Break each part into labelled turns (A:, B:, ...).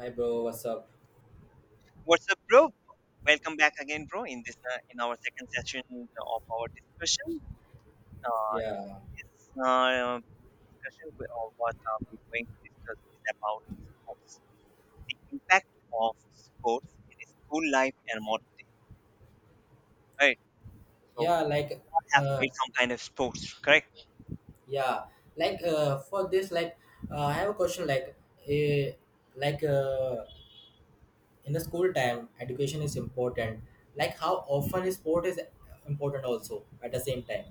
A: Hi bro, what's up?
B: What's up, bro? Welcome back again, bro. In this, in our second session of our discussion, uh,
A: Yeah,
B: this discussion we, what we're going to discuss is about sports, the impact of sports in the school life and modern. Right. So,
A: yeah, like,
B: all have
A: uh,
B: played some kind of sports, correct?
A: yeah, for this, I have a question. Uh, like, uh, in the school time, education is important. Like, how often is sport is important also at the same time?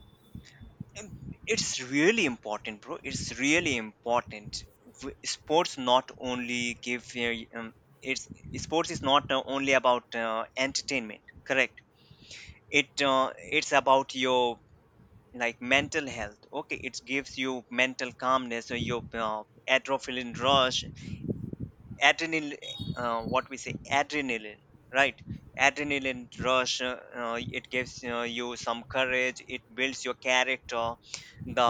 B: Um, It's really important, bro. It's really important. Sports not only give um, it's sports is not only about entertainment, correct? it uh, it's about your, like, mental health. Okay, it gives you mental calmness or your adrenaline rush, adrenaline, what we say, adrenaline, right, adrenaline rush. It gives you some courage. It builds your character, the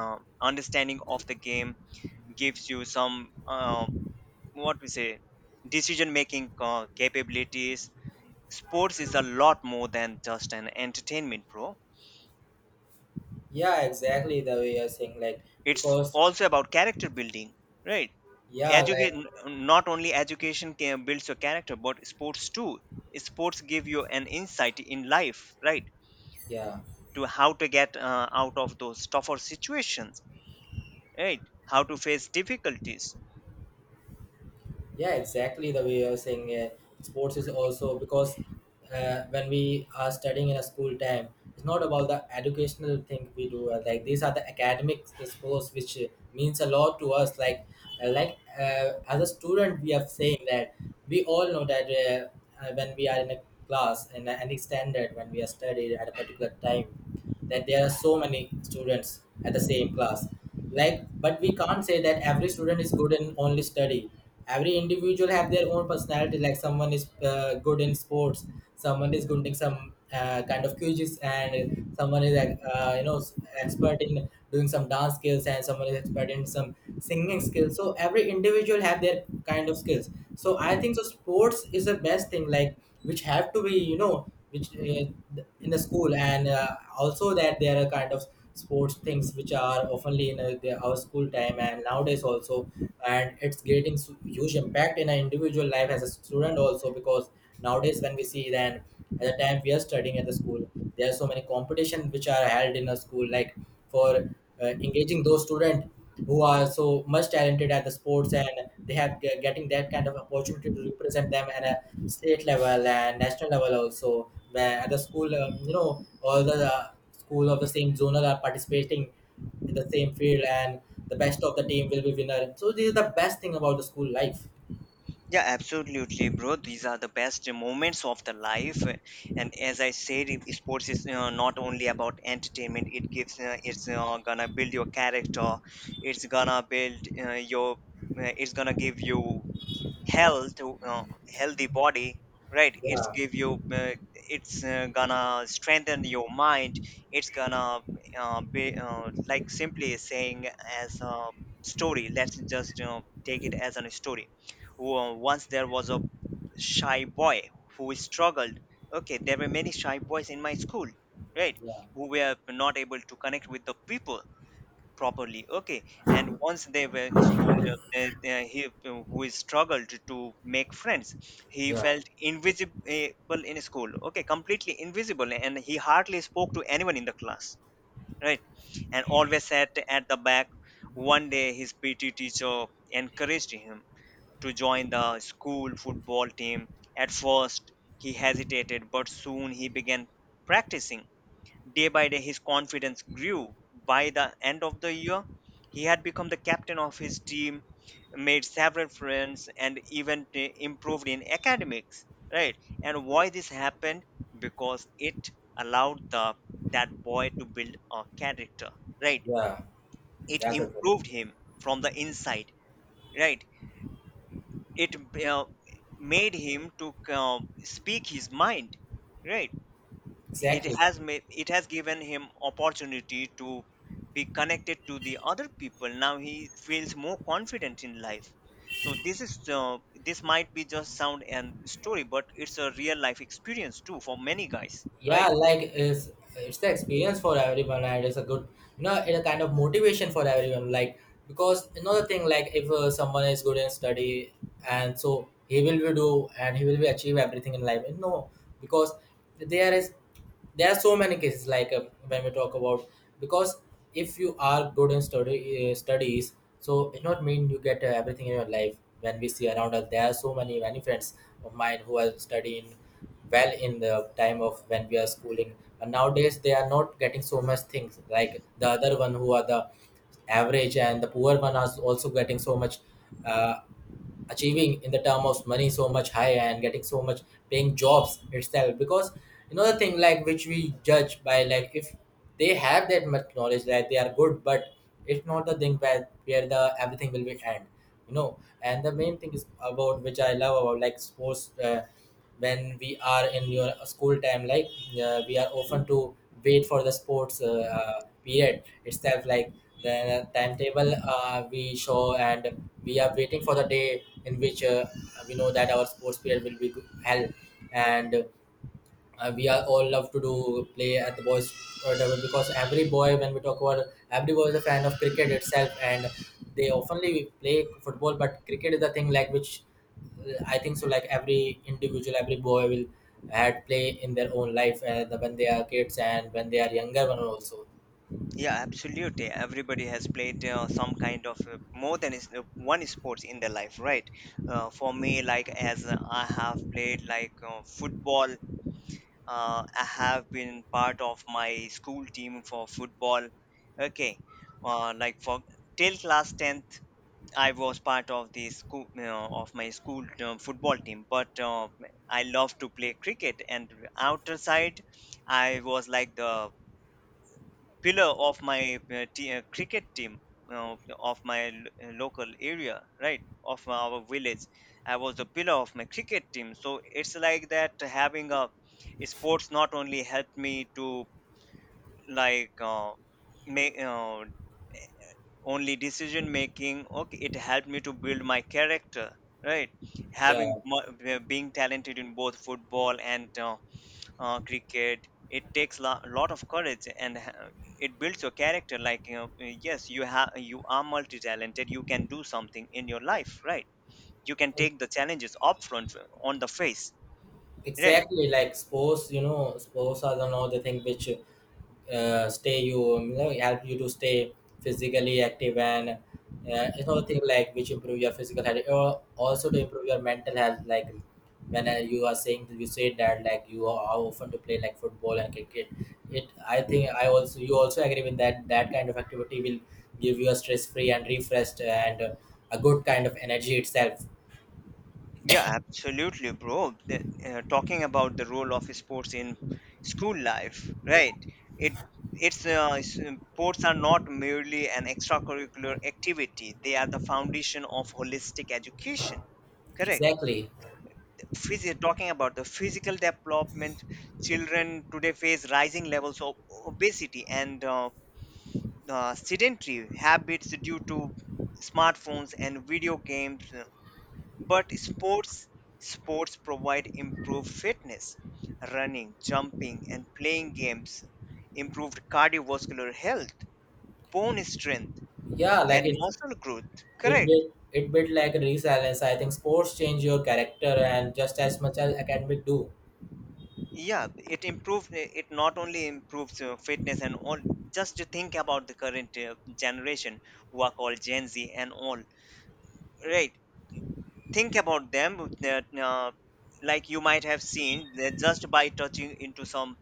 B: understanding of the game, gives you some, what we say, decision making capabilities. Sports is a lot more than just an entertainment, bro.
A: Yeah, exactly the way you're saying.
B: It's
A: Because
B: also about character building, right.
A: yeah, like,
B: Education, not only education can builds your character but sports too. Sports give you an insight in life, right,
A: yeah.
B: to how to get out of those tougher situations, right, how to face difficulties.
A: Yeah, exactly the way you're saying, sports is also because when we are studying in a school time, it's not about the educational thing we do. Like these are the academic sports which means a lot to us. Like, as a student, we are saying that we all know that when we are in a class in any standard, when we are studied at a particular time, that there are so many students at the same class, like, but we can't say that every student is good in only study. Every individual have their own personality, like someone is good in sports, someone is good in some kind of quizzes, and someone is, you know, expert in doing some dance skills, and someone is expert in some singing skills. So every individual have their kind of skills. So I think so sports is the best thing, like, which have to be, you know, which, in the school, and also that there are kind of sports things which are oftenly in our school time and nowadays also. And it's getting huge impact in an individual life as a student also, because nowadays when we see, then at the time we are studying at the school, there are so many competition which are held in a school, like, for engaging those students who are so much talented at the sports, and they have getting that kind of opportunity to represent them at a state level and national level also, where at the school, you know, all the school of the same zonal are participating in the same field, and the best of the team will be winner. So this is the best thing about the school life.
B: Yeah, absolutely, bro. These are the best moments of the life, and as I said, if sports is not only about entertainment. It gives, it's gonna build your character. It's gonna build it's gonna give you health, uh, healthy body, right. It's
A: Yeah,
B: give you, it's gonna strengthen your mind. It's gonna be, like simply saying, as a story, let's just, you know, take it as a story. Once there was a shy boy who struggled. Okay, there were many shy boys in my school, right, who were not able to connect with the people properly. Okay, and once they were in school, he who is struggled to make friends. He
A: yeah,
B: felt invisible in school. Okay, completely invisible, and he hardly spoke to anyone in the class, right, and always sat at the back. One day his PT teacher encouraged him to join the school football team. At first he hesitated, but soon he began practicing. Day by day, his confidence grew. By the end of the year, he had become the captain of his team, made several friends, and even improved in academics. Right? And why this happened? Because it allowed the that boy to build a character. Right?
A: yeah.
B: It
A: That's a good.
B: improved him from the inside. Right? It uh, made him to speak his mind. Right?
A: Exactly.
B: It has given him opportunity to be connected to the other people. Now he feels more confident in life. So this is, this might be just sound and story, but it's a real life experience too for many guys,
A: Yeah,
B: right?
A: like it's the experience for everyone, and it's a good, you know, it's a kind of motivation for everyone. Like, because another thing, like, if someone is good in study, and so he will be do and he will be achieve everything in life? No. Because there is, there are so many cases like, when we talk about, because if you are good in study, studies, so it not mean you get everything in your life. When we see around us, there are so many many friends of mine who are studying well in the time of when we are schooling, and nowadays they are not getting so much things like the other one, who are the average and the poor one, are also getting so much, uh, achieving in the term of money so much higher and getting so much paying jobs itself. Because, you know, the thing like which we judge by, like, if they have that much knowledge that they are good, but it's not the thing where the everything will be end, you know. And the main thing is about which I love about, like, sports. When we are in your school time, like, we are often to wait for the sports period itself, like the timetable we show, and we are waiting for the day in which we know that our sports period will be held. And we are all love to do play at the boys level. Because every boy, when we talk about, every boy is a fan of cricket itself, and they oftenly play football, but cricket is the thing like which, I think so, like every individual, every boy will had play in their own life, when they are kids and when they are younger one also.
B: Yeah, absolutely, everybody has played some kind of, more than one sports in their life, right. For me, like, as I have played, like, football. I have been part of my school team for football. Okay, like for till class 10th, I was part of the school, of my school football team. But, I love to play cricket, and outer side, I was like the pillar of my, cricket team, uh, of my, local area, right, of our village. I was the pillar of my cricket team. So it's like that, having a sports not only helped me to, like, make, only decision making. Okay, it helped me to build my character, right.
A: Yeah,
B: Having being talented in both football and, cricket, it takes a lot of courage and it builds your character, like, you know, yes you have, you are multi-talented, you can do something in your life, right. You can take the challenges up front, on the face, right.
A: exactly, like sports, you know, sports are the another thing which stay you, you know, help you to stay physically active, and you know, thing like which improve your physical health or also to improve your mental health. Like, when you are saying, you said that, like, you are how often to play, like, football and cricket, it, I think, I also, you also agree with that, that kind of activity will give you a stress free and refreshed and a good kind of energy itself.
B: Yeah, absolutely, bro. The- Talking about the role of sports in school life, right, it it's uh, s- sports are not merely an extracurricular activity. They are the foundation of holistic education, correct.
A: Exactly.
B: Physio, talking about the physical development, children today face rising levels of obesity and, sedentary habits due to smartphones and video games. But sports provide improved fitness, running, jumping and playing games, improved cardiovascular health, bone strength
A: Yeah, like
B: and
A: it
B: muscle growth,
A: it
B: correct.
A: did it bit like resilience. I think sports change your character and just as much as academic do.
B: Yeah, it improves. It not only improves fitness and all. Just to think about the current generation, who are called gen z and all, right. Think about them that, like, you might have seen that just by touching into some,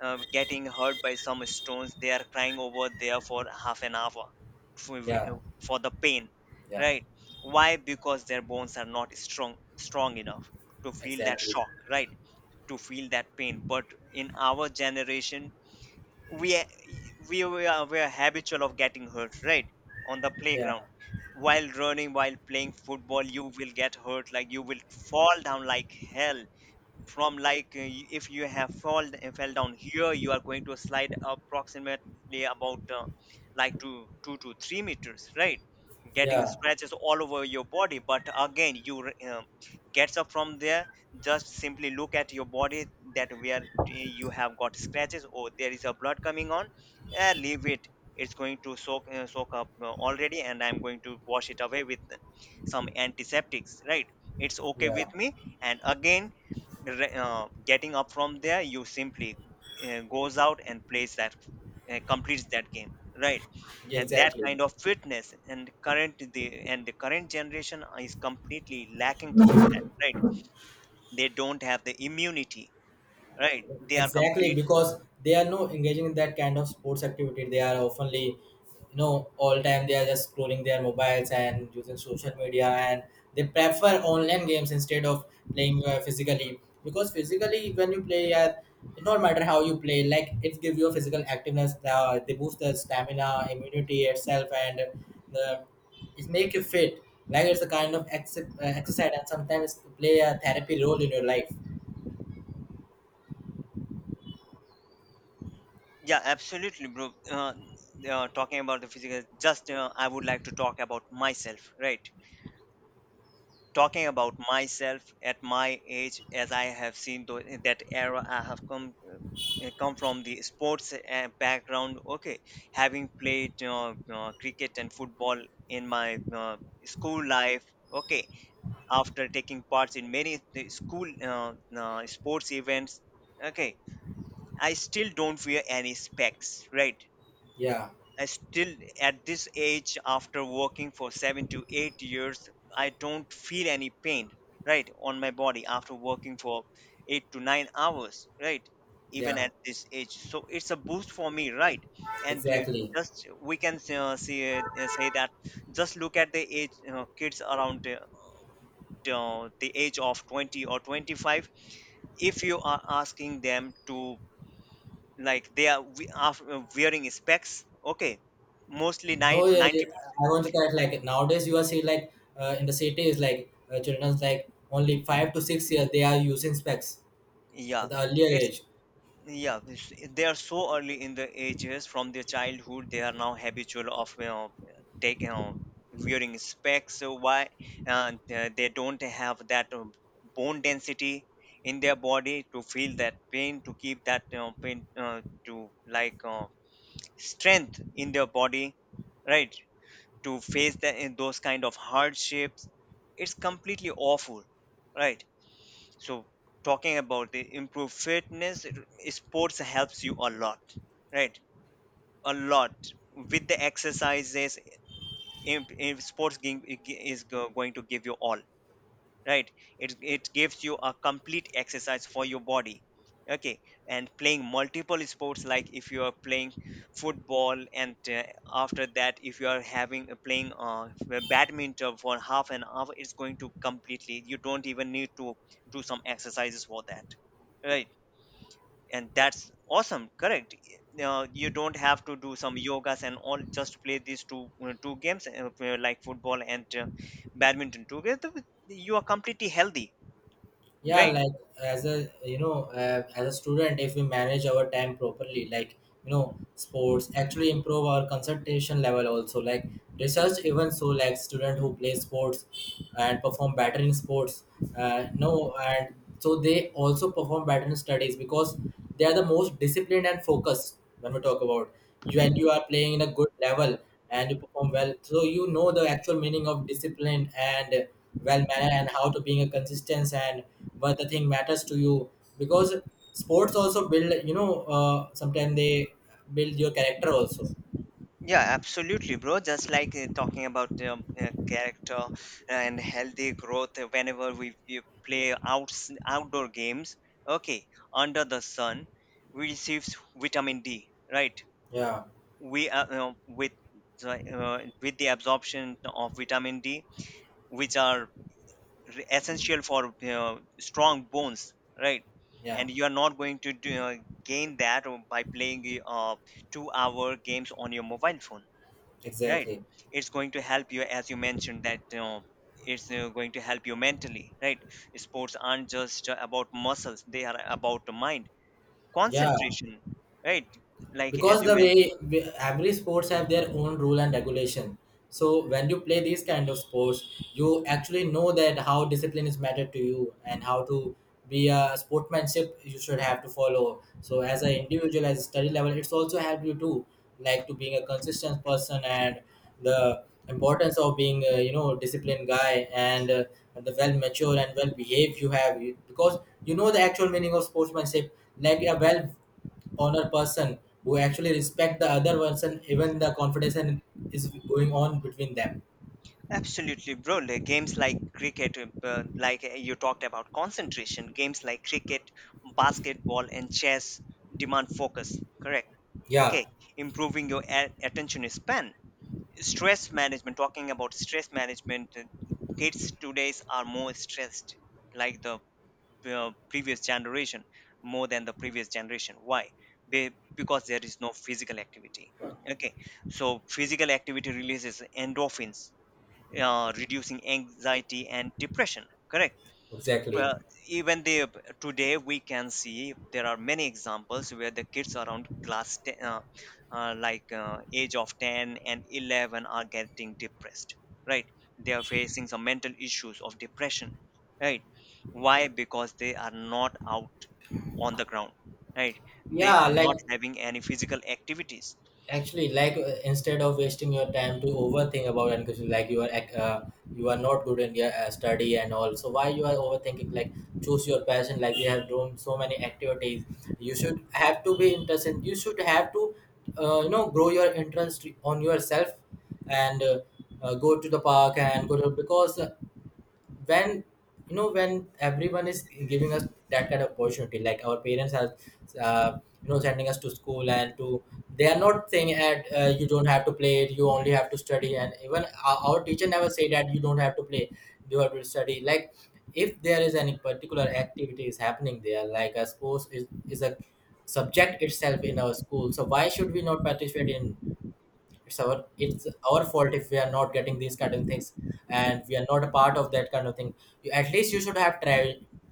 B: getting hurt by some stones, they are crying over there for half an hour, for,
A: Yeah,
B: for the pain,
A: yeah,
B: right. Why? Because their bones are not strong enough to feel that
A: exactly.
B: shock, right, to feel that pain. But in our generation, we a- we we are habitual of getting hurt, right, on the
A: Yeah,
B: playground. While running, while playing football, you will get hurt, like you will fall down like hell, from, like, if you have fall fell down here, you are going to slide approximately about, like, 2 to 3 meters, right, getting
A: yeah,
B: scratches all over your body, but again you, gets up from there. Just simply look at your body, that where, you have got scratches or there is a blood coming on, leave it, it's going to soak, soak up, already, and I'm going to wash it away with some antiseptics, right. It's okay
A: yeah,
B: with me. And again, getting up from there, you simply goes out and plays that, completes that game, right. And that
A: exactly.
B: kind of fitness, and current the and the current generation is completely lacking towards that, right. They don't have the immunity, right, they are
A: Exactly,
B: complete.
A: because they are no engaging in that kind of sports activity. They are oftenly, you know, all time they are just scrolling their mobiles and using social media, and they prefer online games instead of playing physically. Because physically, when you play, it don't matter how you play, like, it gives you a physical activeness. They boost the stamina, immunity itself, and the it make you fit. Like, it's a kind of exercise, and sometimes play a therapy role in your life.
B: Yeah, absolutely, bro. Talking about the physical, just, I would like to talk about myself, right. Talking about myself at my age, as I have seen that era, I have come, come from the sports background. Okay, having played, cricket and football in my, school life, okay, after taking parts in many school sports events, okay, I still don't wear any specs, right.
A: Yeah,
B: I still, at this age, after working for 7 to 8 years, I don't feel any pain, right, on my body after working for 8 to 9 hours, right, even
A: yeah.
B: at this age. So it's a boost for me, right? And,
A: Exactly.
B: just we can, see, say that, just look at the age, kids around, the age of 20 or 25. If you are asking them to, like, they are we are wearing specs. Okay, mostly nine
A: No, yeah, yeah,
B: ninety.
A: yeah. I want to correct. Like, nowadays, you are seeing, like, in the cities, like, children's, like, only 5 to 6 years they are using specs
B: 90,
A: at
B: yeah.
A: the earlier
B: it's
A: age.
B: yeah, it's- they are so early in the ages. From their childhood they are now habitual of, you know, taking on wearing specs. So why? They don't have that, bone density in their body to feel that pain, to keep that, you know, pain, to, like, strength in their body, right, to face that, those kind of hardships. It's completely awful, right. So, talking about the improved fitness, sports helps you a lot, right, a lot. With the exercises, sports game is going to give you all, right. It gives you a complete exercise for your body. Okay, and playing multiple sports, like if you are playing football and, after that, if you are having, playing, badminton for half an hour, it's going to completely, you don't even need to do some exercises for that, right. And that's awesome, correct. Now you don't have to do some yogas and all, just play these two games, like football and, badminton together, you are completely healthy.
A: Yeah,
B: Right.
A: like, as a, you know, as a student, if we manage our time properly, like, you know, sports actually improve our concentration level also. Like, research even so, like, student who play sports and perform better in sports, no, and so they also perform better in studies, because they are the most disciplined and focused. When we talk about, you, and you are playing in a good level and you perform well, so you know the actual meaning of discipline and well mannered, and how to being a consistent, and what the thing matters to you. Because sports also build, you know, sometimes they build your character also.
B: Yeah, absolutely, bro. Just like, talking about, character and healthy growth, whenever we play outs outdoor games, okay, under the sun, we receives vitamin D, right?
A: Yeah,
B: We, with the absorption of vitamin D, which are essential for strong bones, right?
A: yeah,
B: And you are not going to gain that by playing two-hour games on your mobile phone, right?
A: exactly.
B: It's going to help you, as you mentioned, that it's going to help you mentally, right? Sports aren't just about muscles, they are about the mind,
A: Yeah,
B: concentration, right? Like as
A: because
B: you
A: the
B: mentioned.
A: every sports have their own rule and regulation. So when you play these kind of sports, you actually know that how discipline is matter to you, and how to be a sportsmanship you should have to follow. So as an individual, as a study level, it's also help you too, like, to being a consistent person, and the importance of being a, you know, disciplined guy, and the well mature and well behaved you have because you know the actual meaning of sportsmanship. Like a well honor person, who actually respect the other person, even the confidence is going on between them.
B: Absolutely, bro. Like, games like cricket, you talked about concentration. Games like cricket, basketball and chess demand focus, correct?
A: Yeah,
B: Okay. Improving your attention span, stress management. Talking about stress management, kids today's are more stressed, like the previous generation, more than the previous generation. Why? Because there is no physical activity. Okay, so physical activity releases endorphins, reducing anxiety and depression, correct?
A: exactly.
B: But even the today, we can see there are many examples where the kids around class 10, age of 10 and 11 are getting depressed, right? They are facing some mental issues of depression, right? Why? Because they are not out on the ground, right? They
A: Yeah,
B: are
A: like,
B: not having any physical activities.
A: actually, like, instead of wasting your time to overthink about and question, like, you are you are not good in your study and all, so why you are overthinking? Like, choose your passion. Like, we have done so many activities, you should have to be interested, you should have to, you know, grow your interest on yourself, and go to the park and go to, because, when you know, when everyone is giving us that kind of opportunity, like our parents are, uh, you know, sending us to school and to, they are not saying that you don't have to play, you only have to study. And even our teacher never say that you don't have to play, you have to study. Like, if there is any particular activity is happening there, like a sports is a subject itself in our school, so why should we not participate in? It's our it's our fault if we are not getting these kind of things, and we are not a part of that kind of thing. You, at least you should have travel.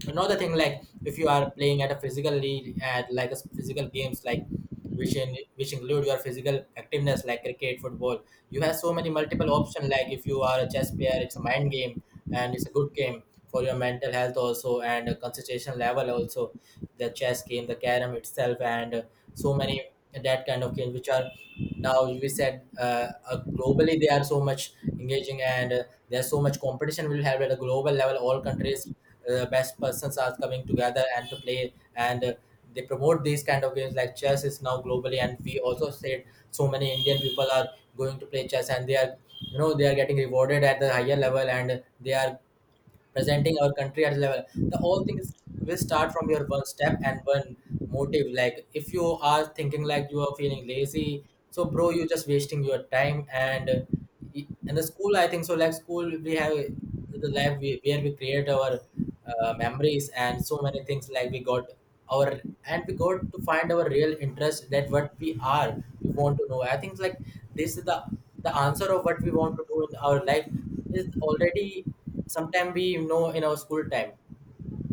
A: Another thing, like, if you are playing at a physical league, at like a physical games, like which in which include your physical activeness, like cricket, football, you have so many multiple options. Like if you are a chess player, it's a mind game, and it's a good game for your mental health also, and a concentration level also. The chess game, the carom itself, and so many that kind of game, which are, now you said, globally they are so much engaging, and there's so much competition we'll have at a global level. All countries best persons are coming together and to play, and they promote these kind of games, like chess is now globally, and we also said so many Indian people are going to play chess, and they are, you know, they are getting rewarded at the higher level, and they are Presenting our country at the level. The whole thing is will start from your one step and one motive. Like if you are thinking like you are feeling lazy, so bro, you're just wasting your time. And the school, I think so. Like school, we have the where we create our memories and so many things like we got to find our real interest that what we want to know. I think like this is the answer of what we want to do in our life is already sometime we know in our school time.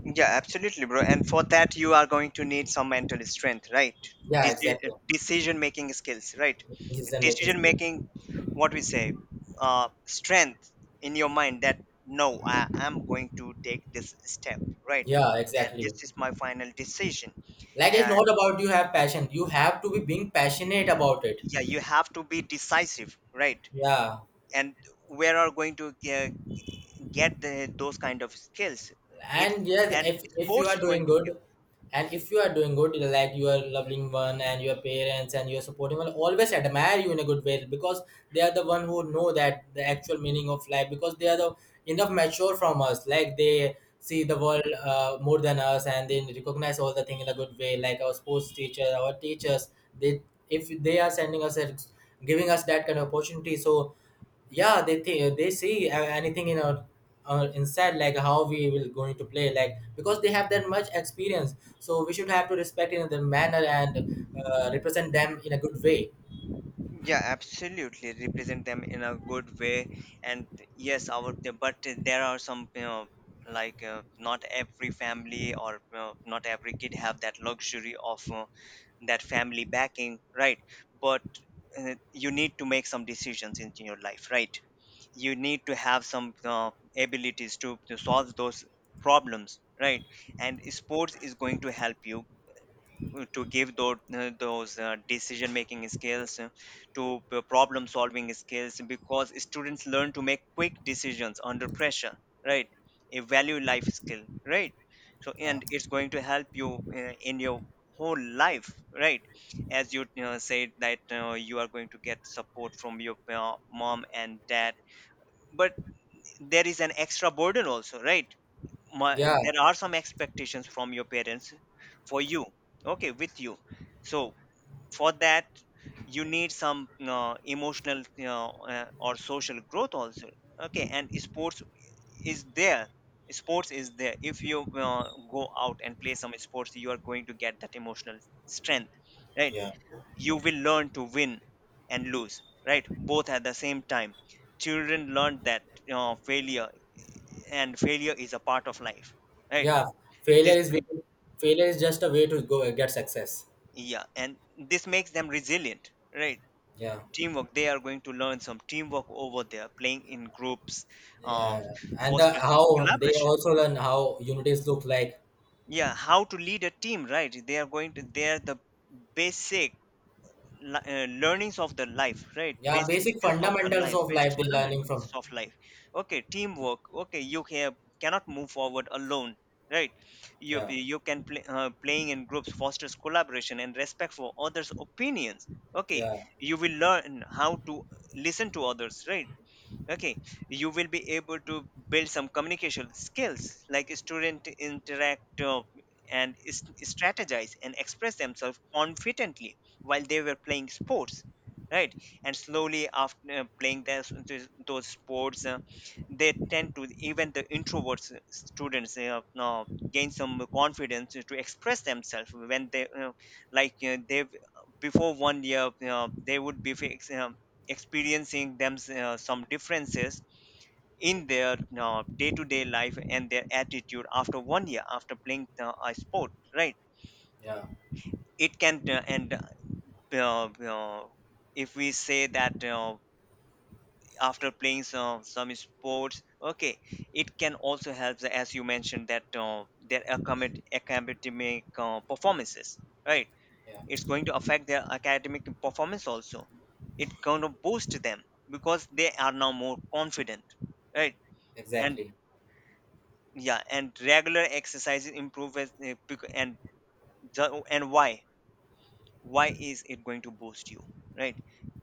B: Yeah, absolutely, bro. And for that, you are going to need some mental strength, right?
A: Yeah,
B: Deci-
A: exactly.
B: decision making skills, right?
A: Decision making
B: Decision
A: skill.
B: making, what we say, strength in your mind that no, I am going to take this step, right?
A: Yeah,
B: And
A: exactly.
B: this is my final decision.
A: Like it's
B: And
A: not about you have passion, you have to be being passionate about it.
B: yeah, you have to be decisive, right?
A: Yeah.
B: And where are going to get the, those kind of skills? It's,
A: And yes,
B: and
A: if you are
B: sports is
A: doing
B: going to
A: good,
B: give.
A: and if you are doing good, like your loving one and your parents and your supporting one always admire you in a good way, because they are the one who know that the actual meaning of life, because they are the enough mature from us, like they see the world more than us and they recognize all the thing in a good way, like our sports teacher, our teachers, they, if they are giving us that kind of opportunity, so yeah, they think, they see anything in our inside, like how we will going to play, like because they have that much experience, so we should have to respect in the manner and represent them in a good way.
B: Yeah, absolutely, represent them in a good way. And yes, our the- but there are some, you know, like not every family, or you know, not every kid have that luxury of that family backing, right? But you need to make some decisions in your life, right? You need to have some abilities to solve those problems, right? And sports is going to help you to give those decision making skills, to problem solving skills, because students learn to make quick decisions under pressure, right? A value life skill, right? So,
A: uh,
B: and it's going to help you in your whole life, right? As you, said that you are going to get support from your mom and dad. But there is an extra burden also, right? My,
A: yeah.
B: there are some expectations from your parents for you, okay, with you. So for that, you need some emotional, you or social growth also. Okay, and sports is there. Sports is there. If you go out and play some sports, you are going to get that emotional strength, right?
A: Yeah.
B: You will learn to win and lose, right, both at the same time. Children learn that you failure, and failure is a part of life, right?
A: Yeah.
B: this
A: failure is
B: make,
A: way- Failure is just a way to go get success.
B: yeah, and this makes them resilient, right?
A: Yeah.
B: Teamwork, they are going to learn some teamwork over there, playing in groups.
A: Yeah.
B: Uh,
A: And the,
B: fosters
A: how they
B: collaboration.
A: also learn how unities look like.
B: Yeah, how to lead a team, right? They are going to, they are the basic learnings of the life, right?
A: Yeah,
B: Basic
A: basic
B: skills of the
A: fundamentals
B: life,
A: of
B: basic
A: life they're learning
B: fundamentals
A: from.
B: of life. Okay, teamwork. Okay, you can, cannot move forward alone, right? you
A: Yeah.
B: you can play, playing in groups fosters collaboration and respect for others opinions. Okay,
A: Yeah.
B: you will learn how to listen to others, right? Okay, you will be able to build some communication skills, like student interact, and strategize and express themselves confidently while they were playing sports, right? And slowly after playing those sports, they tend to, even the introverts students, gain some confidence to express themselves when they they before one year, they would be fixed experiencing them some differences in their day-to-day life, and their attitude after one year after playing a sport, right?
A: Yeah.
B: It can and uh, uh, if we say that, after playing some sports, okay, it can also help, as you mentioned, that their academic performances, right?
A: Yeah,
B: It's going to affect their academic performance also. It kind of boosts them because they are now more confident, right? And
A: exactly.
B: yeah, and regular exercises improves, eh, bec- and and why is it going to boost you, right?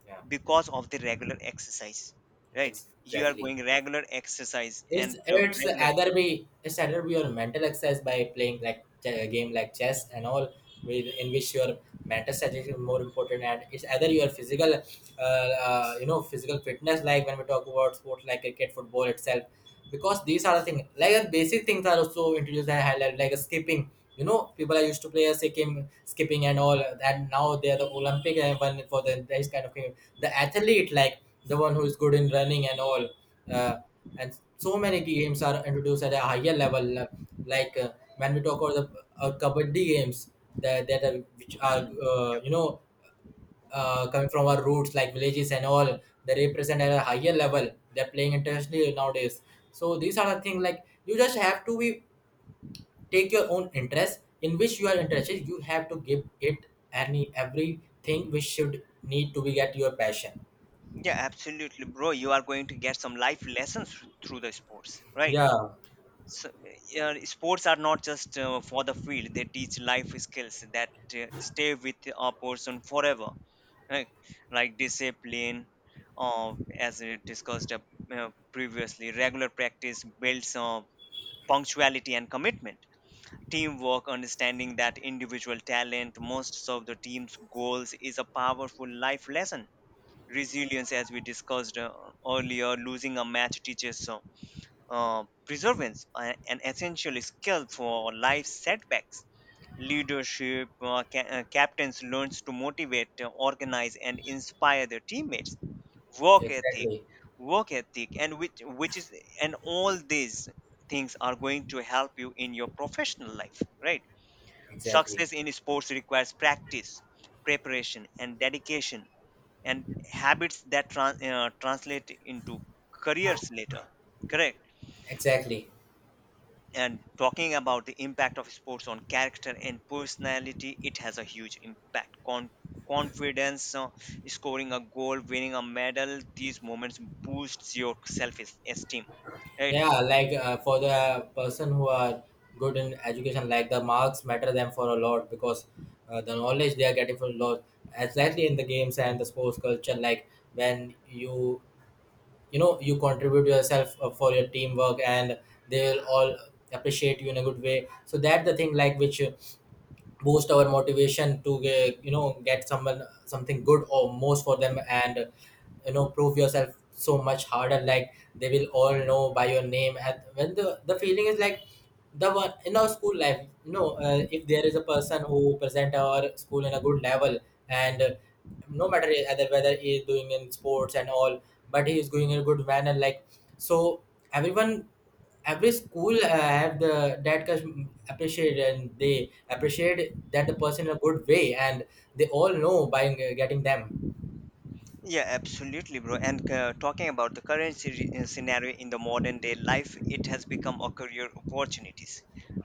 A: Yeah,
B: Because of the regular exercise, right? You are
A: exactly.
B: going regular exercise
A: it's
B: and
A: it's
B: regular.
A: either be it's either be your mental exercise by playing like a game like chess and all, with in which your mental strategy is more important, and it's either your physical, you know, physical fitness, like when we talk about sports like cricket, football itself, because these are the things like the basic things are also introduced and highlight like skipping. You know, people are used to play a skipping and all, and now they are the Olympic and one for the this kind of game. The athlete like the one who is good in running and all. Uh, and so many games are introduced at a higher level like uh, when we talk about the kabaddi games which are,
B: Mm, yep.
A: you know, coming from our roots like villages and all. They represent at a higher level, they're playing internationally nowadays. So these are the things like you just have to be, take your own interest in which you are interested, you have to give it, any everything which should need to be at your passion.
B: Yeah, absolutely, bro, you are going to get some life lessons through the sports, right?
A: Yeah,
B: So, sports are not just for the field, they teach life skills that stay with a person forever, right? Like discipline, as we discussed previously, regular practice builds punctuality and commitment. Teamwork, understanding that individual talent most of the team's goals is a powerful life lesson. Resilience, as we discussed earlier, losing a match teaches preservance, an essential skill for life setbacks. Leadership, captains learns to motivate, organize, and inspire their teammates. Work ethic,
A: exactly.
B: work ethic, and which is, and all these things are going to help you in your professional life, right?
A: Exactly.
B: Success in sports requires practice, preparation, and dedication, and habits that translate into careers later. Correct.
A: Exactly.
B: And talking about the impact of sports on character and personality, it has a huge impact. Confidence, scoring a goal, winning a medal, these moments boosts your self esteem, right?
A: Yeah, like for the person who are good in education, like the marks matter them for a lot, because the knowledge they are getting for a lot, exactly, in the games and the sports culture. Like when you know, you contribute yourself for your teamwork, and they'll all appreciate you in a good way. So that the thing like which boost our motivation to get, you know, get someone something good or most for them, and you know prove yourself so much harder, like they will all know by your name. And when the feeling is like the one in our school life, you know, if there is a person who present our school in a good level, and no matter either whether he is doing in sports and all, but he is going in a good manner, like, so, everyone, every school have the that can appreciate, and they appreciate that the person in a good way, and they all know by getting them.
B: Yeah, absolutely, bro. And talking about the current scenario in the modern day life, it has become a career opportunities,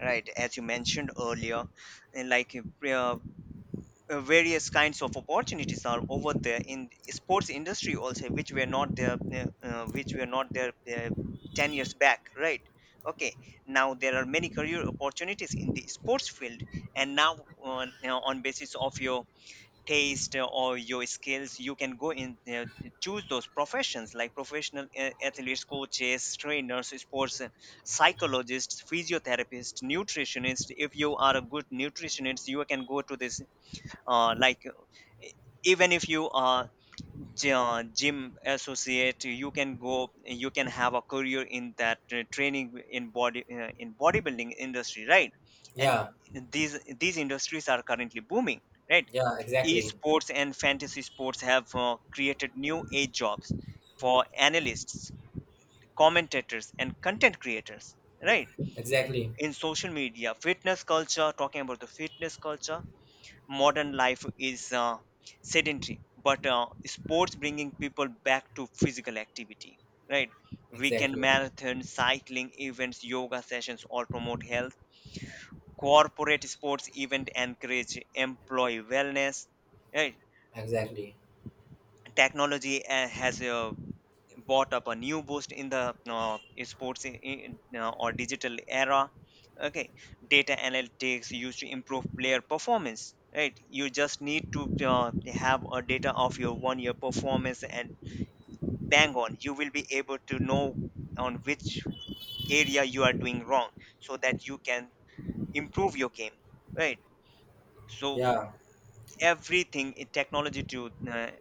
B: right, as you mentioned earlier? And like uh, various kinds of opportunities are over there in sports industry also, which were not there which were not there 10 years back, right? Okay, now there are many career opportunities in the sports field. And now, on you know, on basis of your taste or your skills, you can go in, choose those professions, like professional athletes, coaches, trainers, sports psychologists, physiotherapists, nutritionists. If you are a good nutritionist, you can go to this, uh, like uh, e- even if you are gym associate, you can go, you can have a career in that training in body, in bodybuilding industry, right? And
A: Yeah.
B: these industries are currently booming, right?
A: Yeah, exactly.
B: Esports and fantasy sports have created new age jobs for analysts, commentators and content creators, right?
A: Exactly.
B: In social media fitness culture, talking about the fitness culture, modern life is sedentary, but sports bringing people back to physical activity, right? Weekend
A: Exactly.
B: marathons, cycling events, yoga sessions, all promote health. Corporate sports event encourage employee wellness, right?
A: Exactly.
B: Technology has bought up a new boost in the sports in, or digital era. Okay, data analytics used to improve player performance, right? You just need to have a data of your one year performance, and bang on, you will be able to know on which area you are doing wrong, so that you can improve your game, right? So
A: Yeah.
B: everything in technology to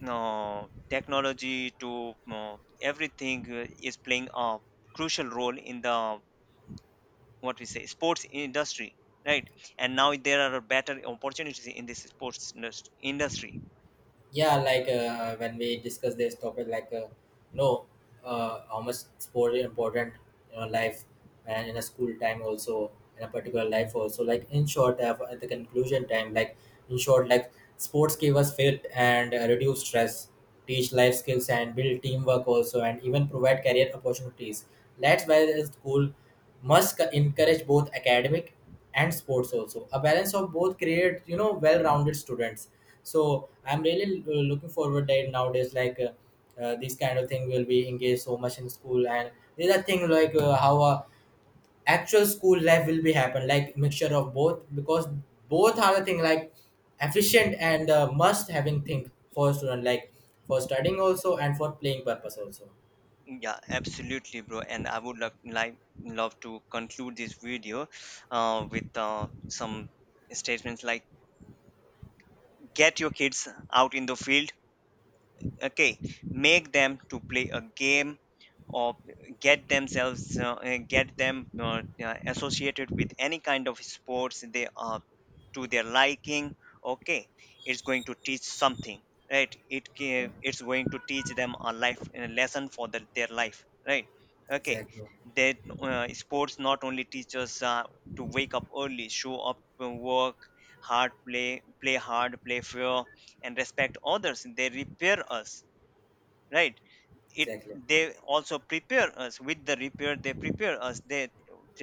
B: no, technology to no, everything is playing a crucial role in the, what we say, sports industry, right? And now there are better opportunities in this industry.
A: Yeah, like when we discuss this topic, like you know, how much sport is important in our life, and in a school time also, in a particular life also, like in short, at the conclusion time, like in short, like sports keep us fit and reduce stress, teach life skills and build teamwork also, and even provide career opportunities. That's why the school must encourage both academic and sports also. A balance of both create, you know, well-rounded students. So I'm really looking forward that nowadays, like this kind of thing will be engaged so much in school. And these are things like how actual school life will be happen, like mixture of both, because both are the thing like efficient and must having thing for student, like for studying also and for playing purpose also.
B: Yeah, absolutely, bro. And I would like love to conclude this video with some statements like, get your kids out in the field, okay, make them to play a game, or get themselves, get them, associated with any kind of sports they are to their liking. Okay, it's going to teach something, right?
A: Yeah,
B: It's going to teach them a life a lesson for the, their life, right? Okay,
A: exactly,
B: that sports not only teach us to wake up early, show up, work hard, play play hard, play fair, and respect others. They repair us, right? It,
A: exactly.
B: they also prepare us with the repair. They prepare us, they